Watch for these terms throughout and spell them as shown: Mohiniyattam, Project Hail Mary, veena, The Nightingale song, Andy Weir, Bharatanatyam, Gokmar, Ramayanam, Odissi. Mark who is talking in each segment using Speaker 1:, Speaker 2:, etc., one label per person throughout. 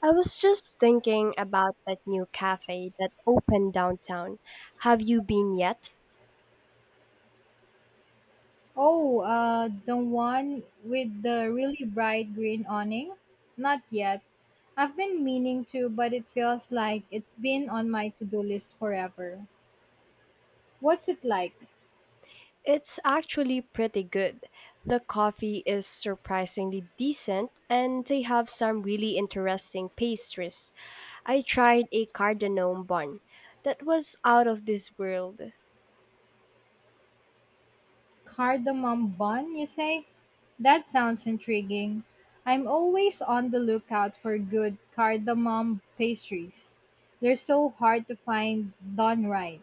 Speaker 1: I was just thinking about that new cafe that opened downtown. Have you been yet?
Speaker 2: Oh, the one with the really bright green awning? Not yet. I've been meaning to, but it feels like it's been on my to do list forever. What's it like?
Speaker 1: It's actually pretty good. The coffee is surprisingly decent and they have some really interesting pastries. I tried a cardamom bun that was out of this world.
Speaker 2: Cardamom bun, you say? That sounds intriguing. I'm always on the lookout for good cardamom pastries. They're so hard to find done right.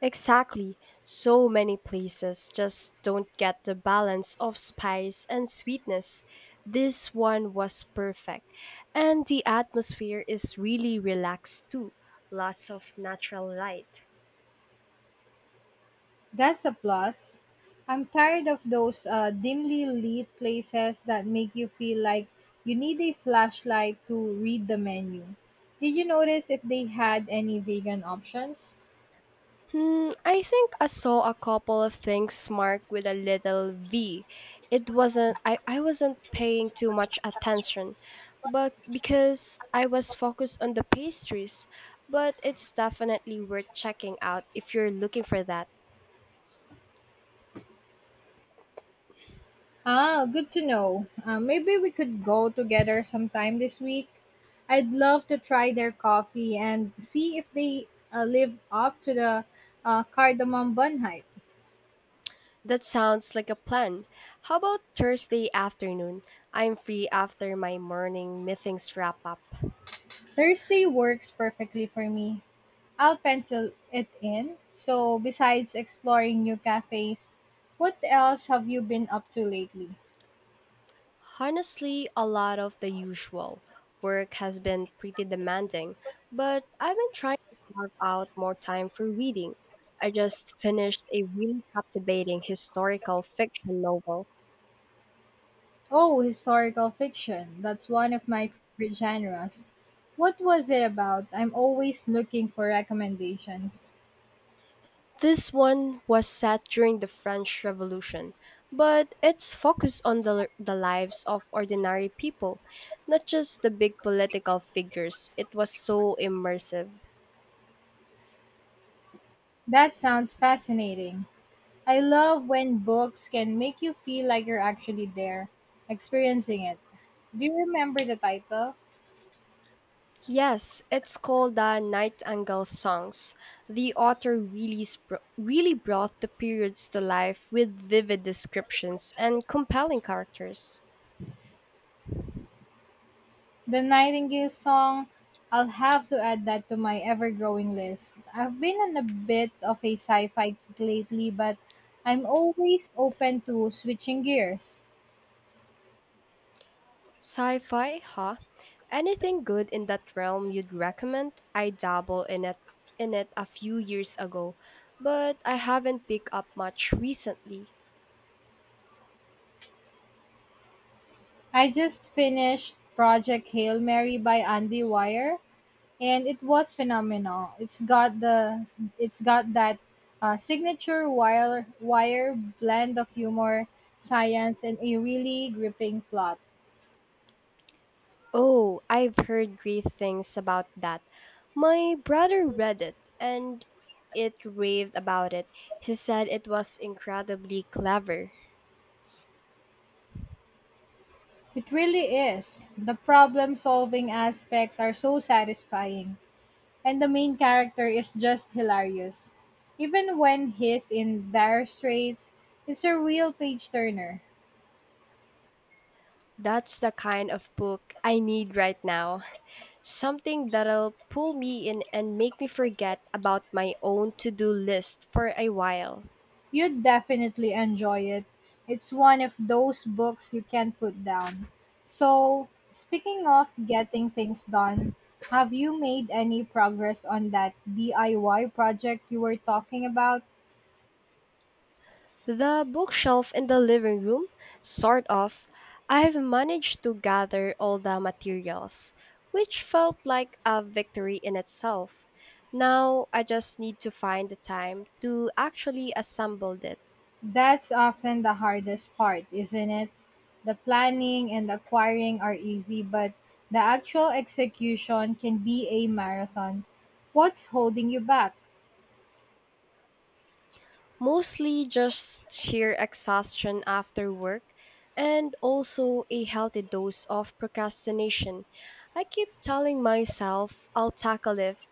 Speaker 1: Exactly. So many places just don't get the balance of spice and sweetness. This one was perfect. And the atmosphere is really relaxed too. Lots of natural light.
Speaker 2: That's a plus. I'm tired of those dimly lit places that make you feel like you need a flashlight to read the menu. Did you notice if they had any vegan options?
Speaker 1: Hmm, I think I saw a couple of things marked with a little V. It wasn't I wasn't paying too much attention, but because I was focused on the pastries, but it's definitely worth checking out if you're looking for that.
Speaker 2: Ah, good to know. Maybe we could go together sometime this week. I'd love to try their coffee and see if they live up to the cardamom bun hype.
Speaker 1: That sounds like a plan. How about Thursday afternoon? I'm free after my morning meetings wrap up.
Speaker 2: Thursday works perfectly for me. I'll pencil it in. So, besides exploring new cafes, what else have you been up to lately?
Speaker 1: Honestly, a lot of the usual. Work has been pretty demanding, but I've been trying to carve out more time for reading. I just finished a really captivating historical fiction novel.
Speaker 2: Oh, historical fiction. That's one of my favorite genres. What was it about? I'm always looking for recommendations.
Speaker 1: This one was set during the French Revolution, but it's focused on the lives of ordinary people, not just the big political figures. It was so immersive.
Speaker 2: That sounds fascinating. I love when books can make you feel like you're actually there, experiencing it. Do you remember the title?
Speaker 1: Yes, it's called the Nightingale Songs. The author really, really brought the periods to life with vivid descriptions and compelling characters.
Speaker 2: The Nightingale song, I'll have to add that to my ever growing list. I've been on a bit of a sci fi kick lately, but I'm always open to switching gears.
Speaker 1: Sci fi, huh? Anything good in that realm you'd recommend? I dabble in it a few years ago, but I haven't picked up much recently.
Speaker 2: I just finished Project Hail Mary by Andy Weir, and it was phenomenal. It's got the it's got that signature wire wire blend of humor, science and a really gripping plot.
Speaker 1: Oh, I've heard great things about that. My brother read it and it raved about it. He said it was incredibly clever.
Speaker 2: It really is. The problem solving aspects are so satisfying, and the main character is just hilarious. Even when he's in dire straits, it's a real page turner.
Speaker 1: That's the kind of book I need right now. Something that'll pull me in and make me forget about my own to do list for a while.
Speaker 2: You'd definitely enjoy it. It's one of those books you can't put down. So, speaking of getting things done, have you made any progress on that DIY project you were talking about?
Speaker 1: The bookshelf in the living room, sort of. I've managed to gather all the materials, which felt like a victory in itself. Now I just need to find the time to actually assemble it.
Speaker 2: That's often the hardest part, isn't it? The planning and acquiring are easy, but the actual execution can be a marathon. What's holding you back?
Speaker 1: Mostly just sheer exhaustion after work and also a healthy dose of procrastination. I keep telling myself I'll tackle it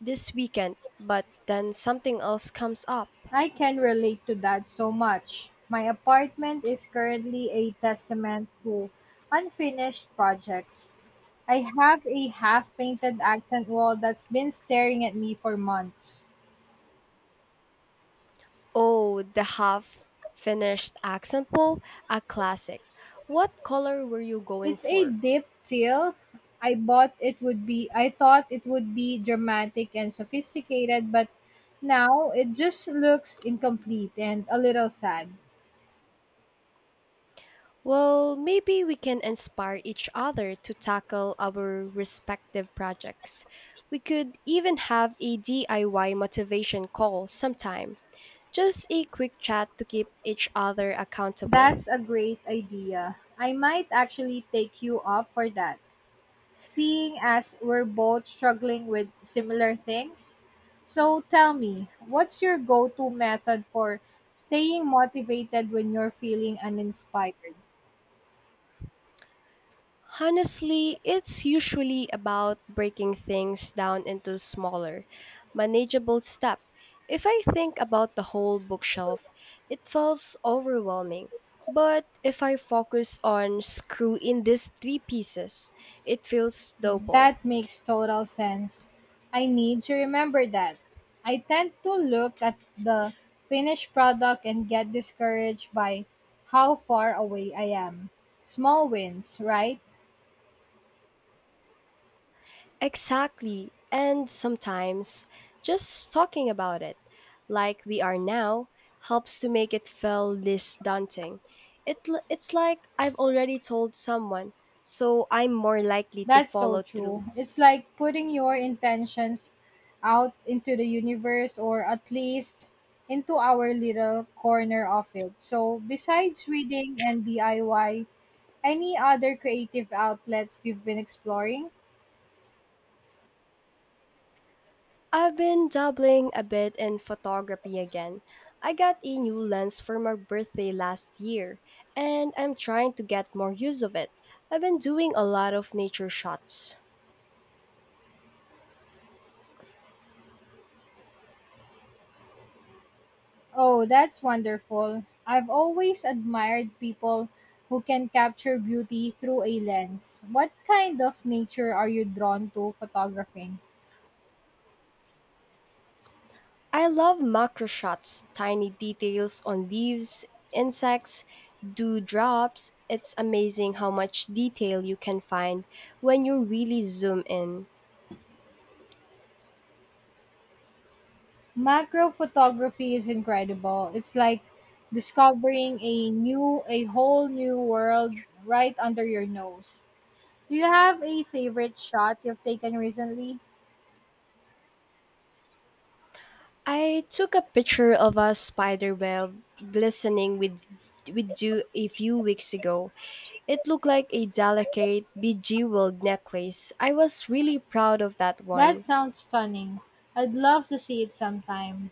Speaker 1: this weekend, but then something else comes up.
Speaker 2: I can relate to that so much. My apartment is currently a testament to unfinished projects. I have a half painted accent wall that's been staring at me for months.
Speaker 1: Oh, the half finished accent bowl, a classic. What color were you going
Speaker 2: It's a
Speaker 1: for?
Speaker 2: deep teal. I thought it would be dramatic and sophisticated, but now it just looks incomplete and a little sad.
Speaker 1: Well, maybe we can inspire each other to tackle our respective projects. We could even have a DIY motivation call sometime. Just a quick chat to keep each other accountable.
Speaker 2: That's a great idea. I might actually take you up for that. Seeing as we're both struggling with similar things. So tell me, what's your go-to method for staying motivated when you're feeling uninspired?
Speaker 1: Honestly, it's usually about breaking things down into smaller, manageable steps. If I think about the whole bookshelf, it feels overwhelming. But if I focus on screw in these three pieces, it feels doable.
Speaker 2: That makes total sense. I need to remember that. I tend to look at the finished product and get discouraged by how far away I am. Small wins, right?
Speaker 1: Exactly. And sometimes just talking about it, like we are now, helps to make it feel less daunting. It's like I've already told someone, so I'm more likely to
Speaker 2: That's so
Speaker 1: follow through.
Speaker 2: true. It's like putting your intentions out into the universe or at least into our little corner of it. So, besides reading and DIY, any other creative outlets you've been exploring?
Speaker 1: I've been dabbling a bit in photography again. I got a new lens for my birthday last year, and I'm trying to get more use of it. I've been doing a lot of nature shots.
Speaker 2: Oh, that's wonderful. I've always admired people who can capture beauty through a lens. What kind of nature are you drawn to photographing?
Speaker 1: I love macro shots, tiny details on leaves, insects, dewdrops. It's amazing how much detail you can find when you really zoom in.
Speaker 2: Macro photography is incredible. It's like discovering a whole new world right under your nose. Do you have a favorite shot you've taken recently?
Speaker 1: I took a picture of a spider web glistening with dew a few weeks ago. It looked like a delicate, bejeweled necklace. I was really proud of that
Speaker 2: That
Speaker 1: one.
Speaker 2: sounds stunning. I'd love to see it sometime.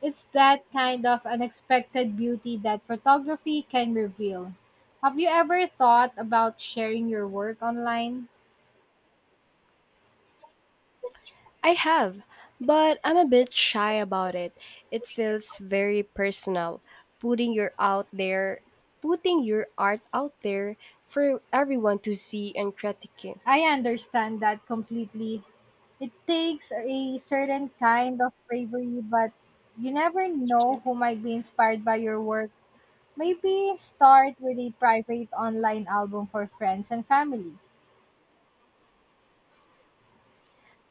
Speaker 2: It's that kind of unexpected beauty that photography can reveal. Have you ever thought about sharing your work online?
Speaker 1: I have, but I'm a bit shy about it. It feels very personal, putting your out there, putting your art out there for everyone to see and critique.
Speaker 2: I understand that completely. It takes a certain kind of bravery, but you never know who might be inspired by your work. Maybe start with a private online album for friends and family.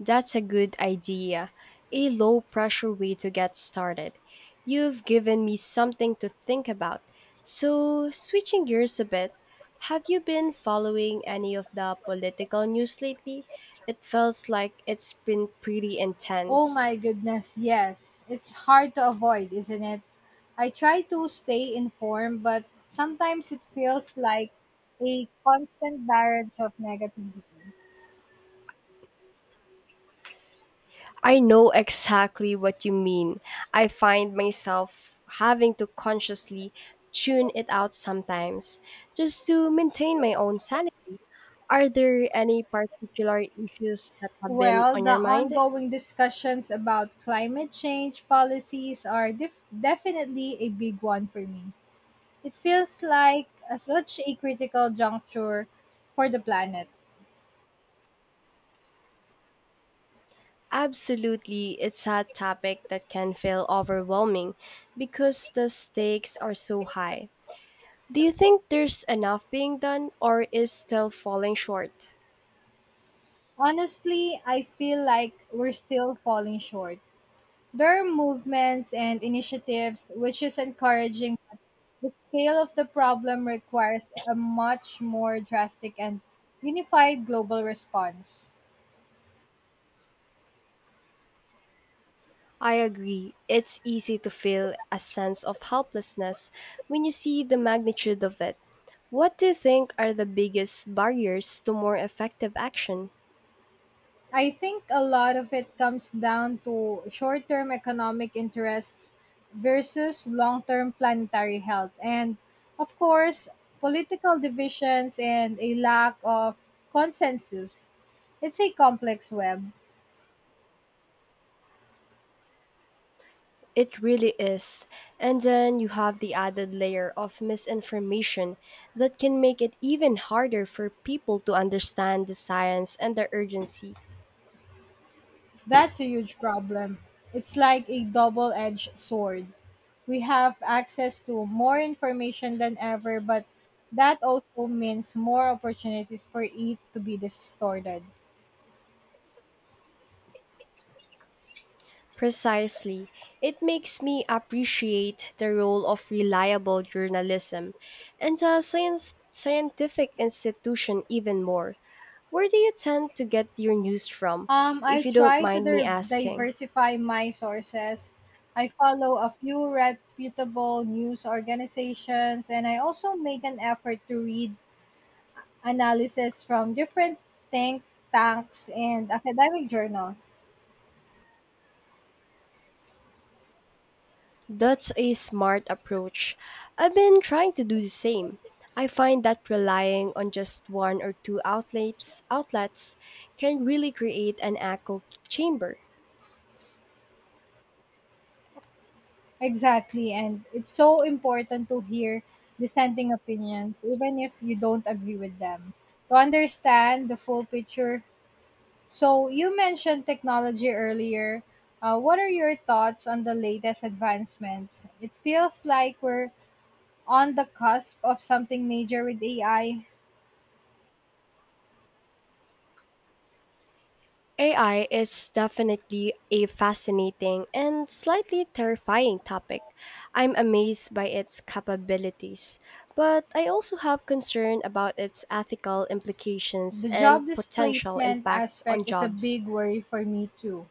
Speaker 1: That's a good idea, a low pressure way to get started. You've given me something to think about. So, switching gears a bit, have you been following any of the political news lately? It feels like it's been pretty
Speaker 2: Oh
Speaker 1: intense.
Speaker 2: my goodness, yes. It's hard to avoid, isn't it? I try to stay informed, but sometimes it feels like a constant barrage of negativity.
Speaker 1: I know exactly what you mean. I find myself having to consciously tune it out sometimes just to maintain my own sanity. Are there any particular issues that have been
Speaker 2: Well,
Speaker 1: on
Speaker 2: the
Speaker 1: your mind?
Speaker 2: ongoing discussions about climate change policies are definitely a big one for me. It feels like such a critical juncture for the planet.
Speaker 1: Absolutely, it's a topic that can feel overwhelming because the stakes are so high. Do you think there's enough being done or is still falling short?
Speaker 2: Honestly, I feel like we're still falling short. There are movements and initiatives, which is encouraging, but the scale of the problem requires a much more drastic and unified global response.
Speaker 1: I agree. It's easy to feel a sense of helplessness when you see the magnitude of it. What do you think are the biggest barriers to more effective action?
Speaker 2: I think a lot of it comes down to short term economic interests versus long term planetary health, and of course, political divisions and a lack of consensus. It's a complex web.
Speaker 1: It really is. And then you have the added layer of misinformation that can make it even harder for people to understand the science and the urgency.
Speaker 2: That's a huge problem. It's like a double edged sword. We have access to more information than ever, but that also means more opportunities for it to be distorted.
Speaker 1: Precisely. It makes me appreciate the role of reliable journalism and a scientific institution even more. Where do you tend to get your news from,
Speaker 2: I
Speaker 1: if you don't
Speaker 2: try to
Speaker 1: mind me asking?
Speaker 2: diversify my sources. I follow a few reputable news organizations, and I also make an effort to read analysis from different think tanks and academic journals.
Speaker 1: That's a smart approach. I've been trying to do the same. I find that relying on just one or two outlets can really create an echo chamber.
Speaker 2: Exactly. And it's so important to hear dissenting opinions, even if you don't agree with them, to understand the full picture. So, you mentioned technology earlier. What are your thoughts on the latest advancements? It feels like we're on the cusp of something major with AI.
Speaker 1: AI is definitely a fascinating and slightly terrifying topic. I'm amazed by its capabilities, but I also have concern about its ethical implications
Speaker 2: The
Speaker 1: and
Speaker 2: job
Speaker 1: potential
Speaker 2: displacement
Speaker 1: impacts on
Speaker 2: aspect is a
Speaker 1: jobs.
Speaker 2: big worry for me, too.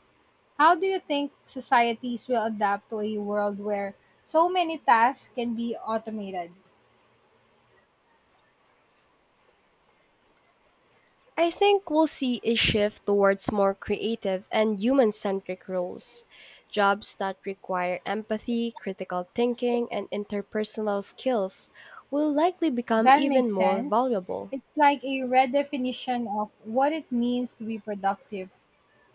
Speaker 2: How do you think societies will adapt to a world where so many tasks can be automated?
Speaker 1: I think we'll see a shift towards more creative and human centric roles, jobs that require empathy, critical thinking, and interpersonal skills will likely become
Speaker 2: That
Speaker 1: even
Speaker 2: makes
Speaker 1: more
Speaker 2: sense.
Speaker 1: valuable.
Speaker 2: It's like a redefinition of what it means to be productive.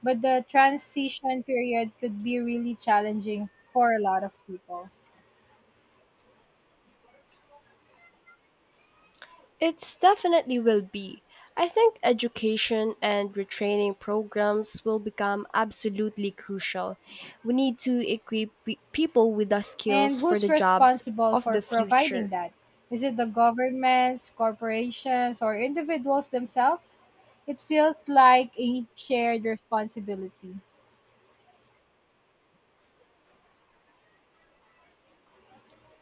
Speaker 2: But the transition period could be really challenging for a lot of people.
Speaker 1: It's definitely will be. I think education and retraining programs will become absolutely crucial. We need to equip people with the
Speaker 2: And
Speaker 1: skills for the
Speaker 2: who's
Speaker 1: jobs
Speaker 2: responsible
Speaker 1: of
Speaker 2: for
Speaker 1: the
Speaker 2: providing
Speaker 1: future.
Speaker 2: that? Is it the governments, corporations, or individuals themselves? It feels like a shared responsibility.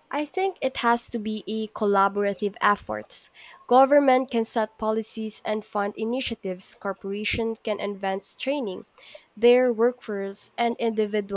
Speaker 1: I think it has to be a collaborative effort. Government can set policies and fund initiatives. Corporations can advance training. Their workforce and individuals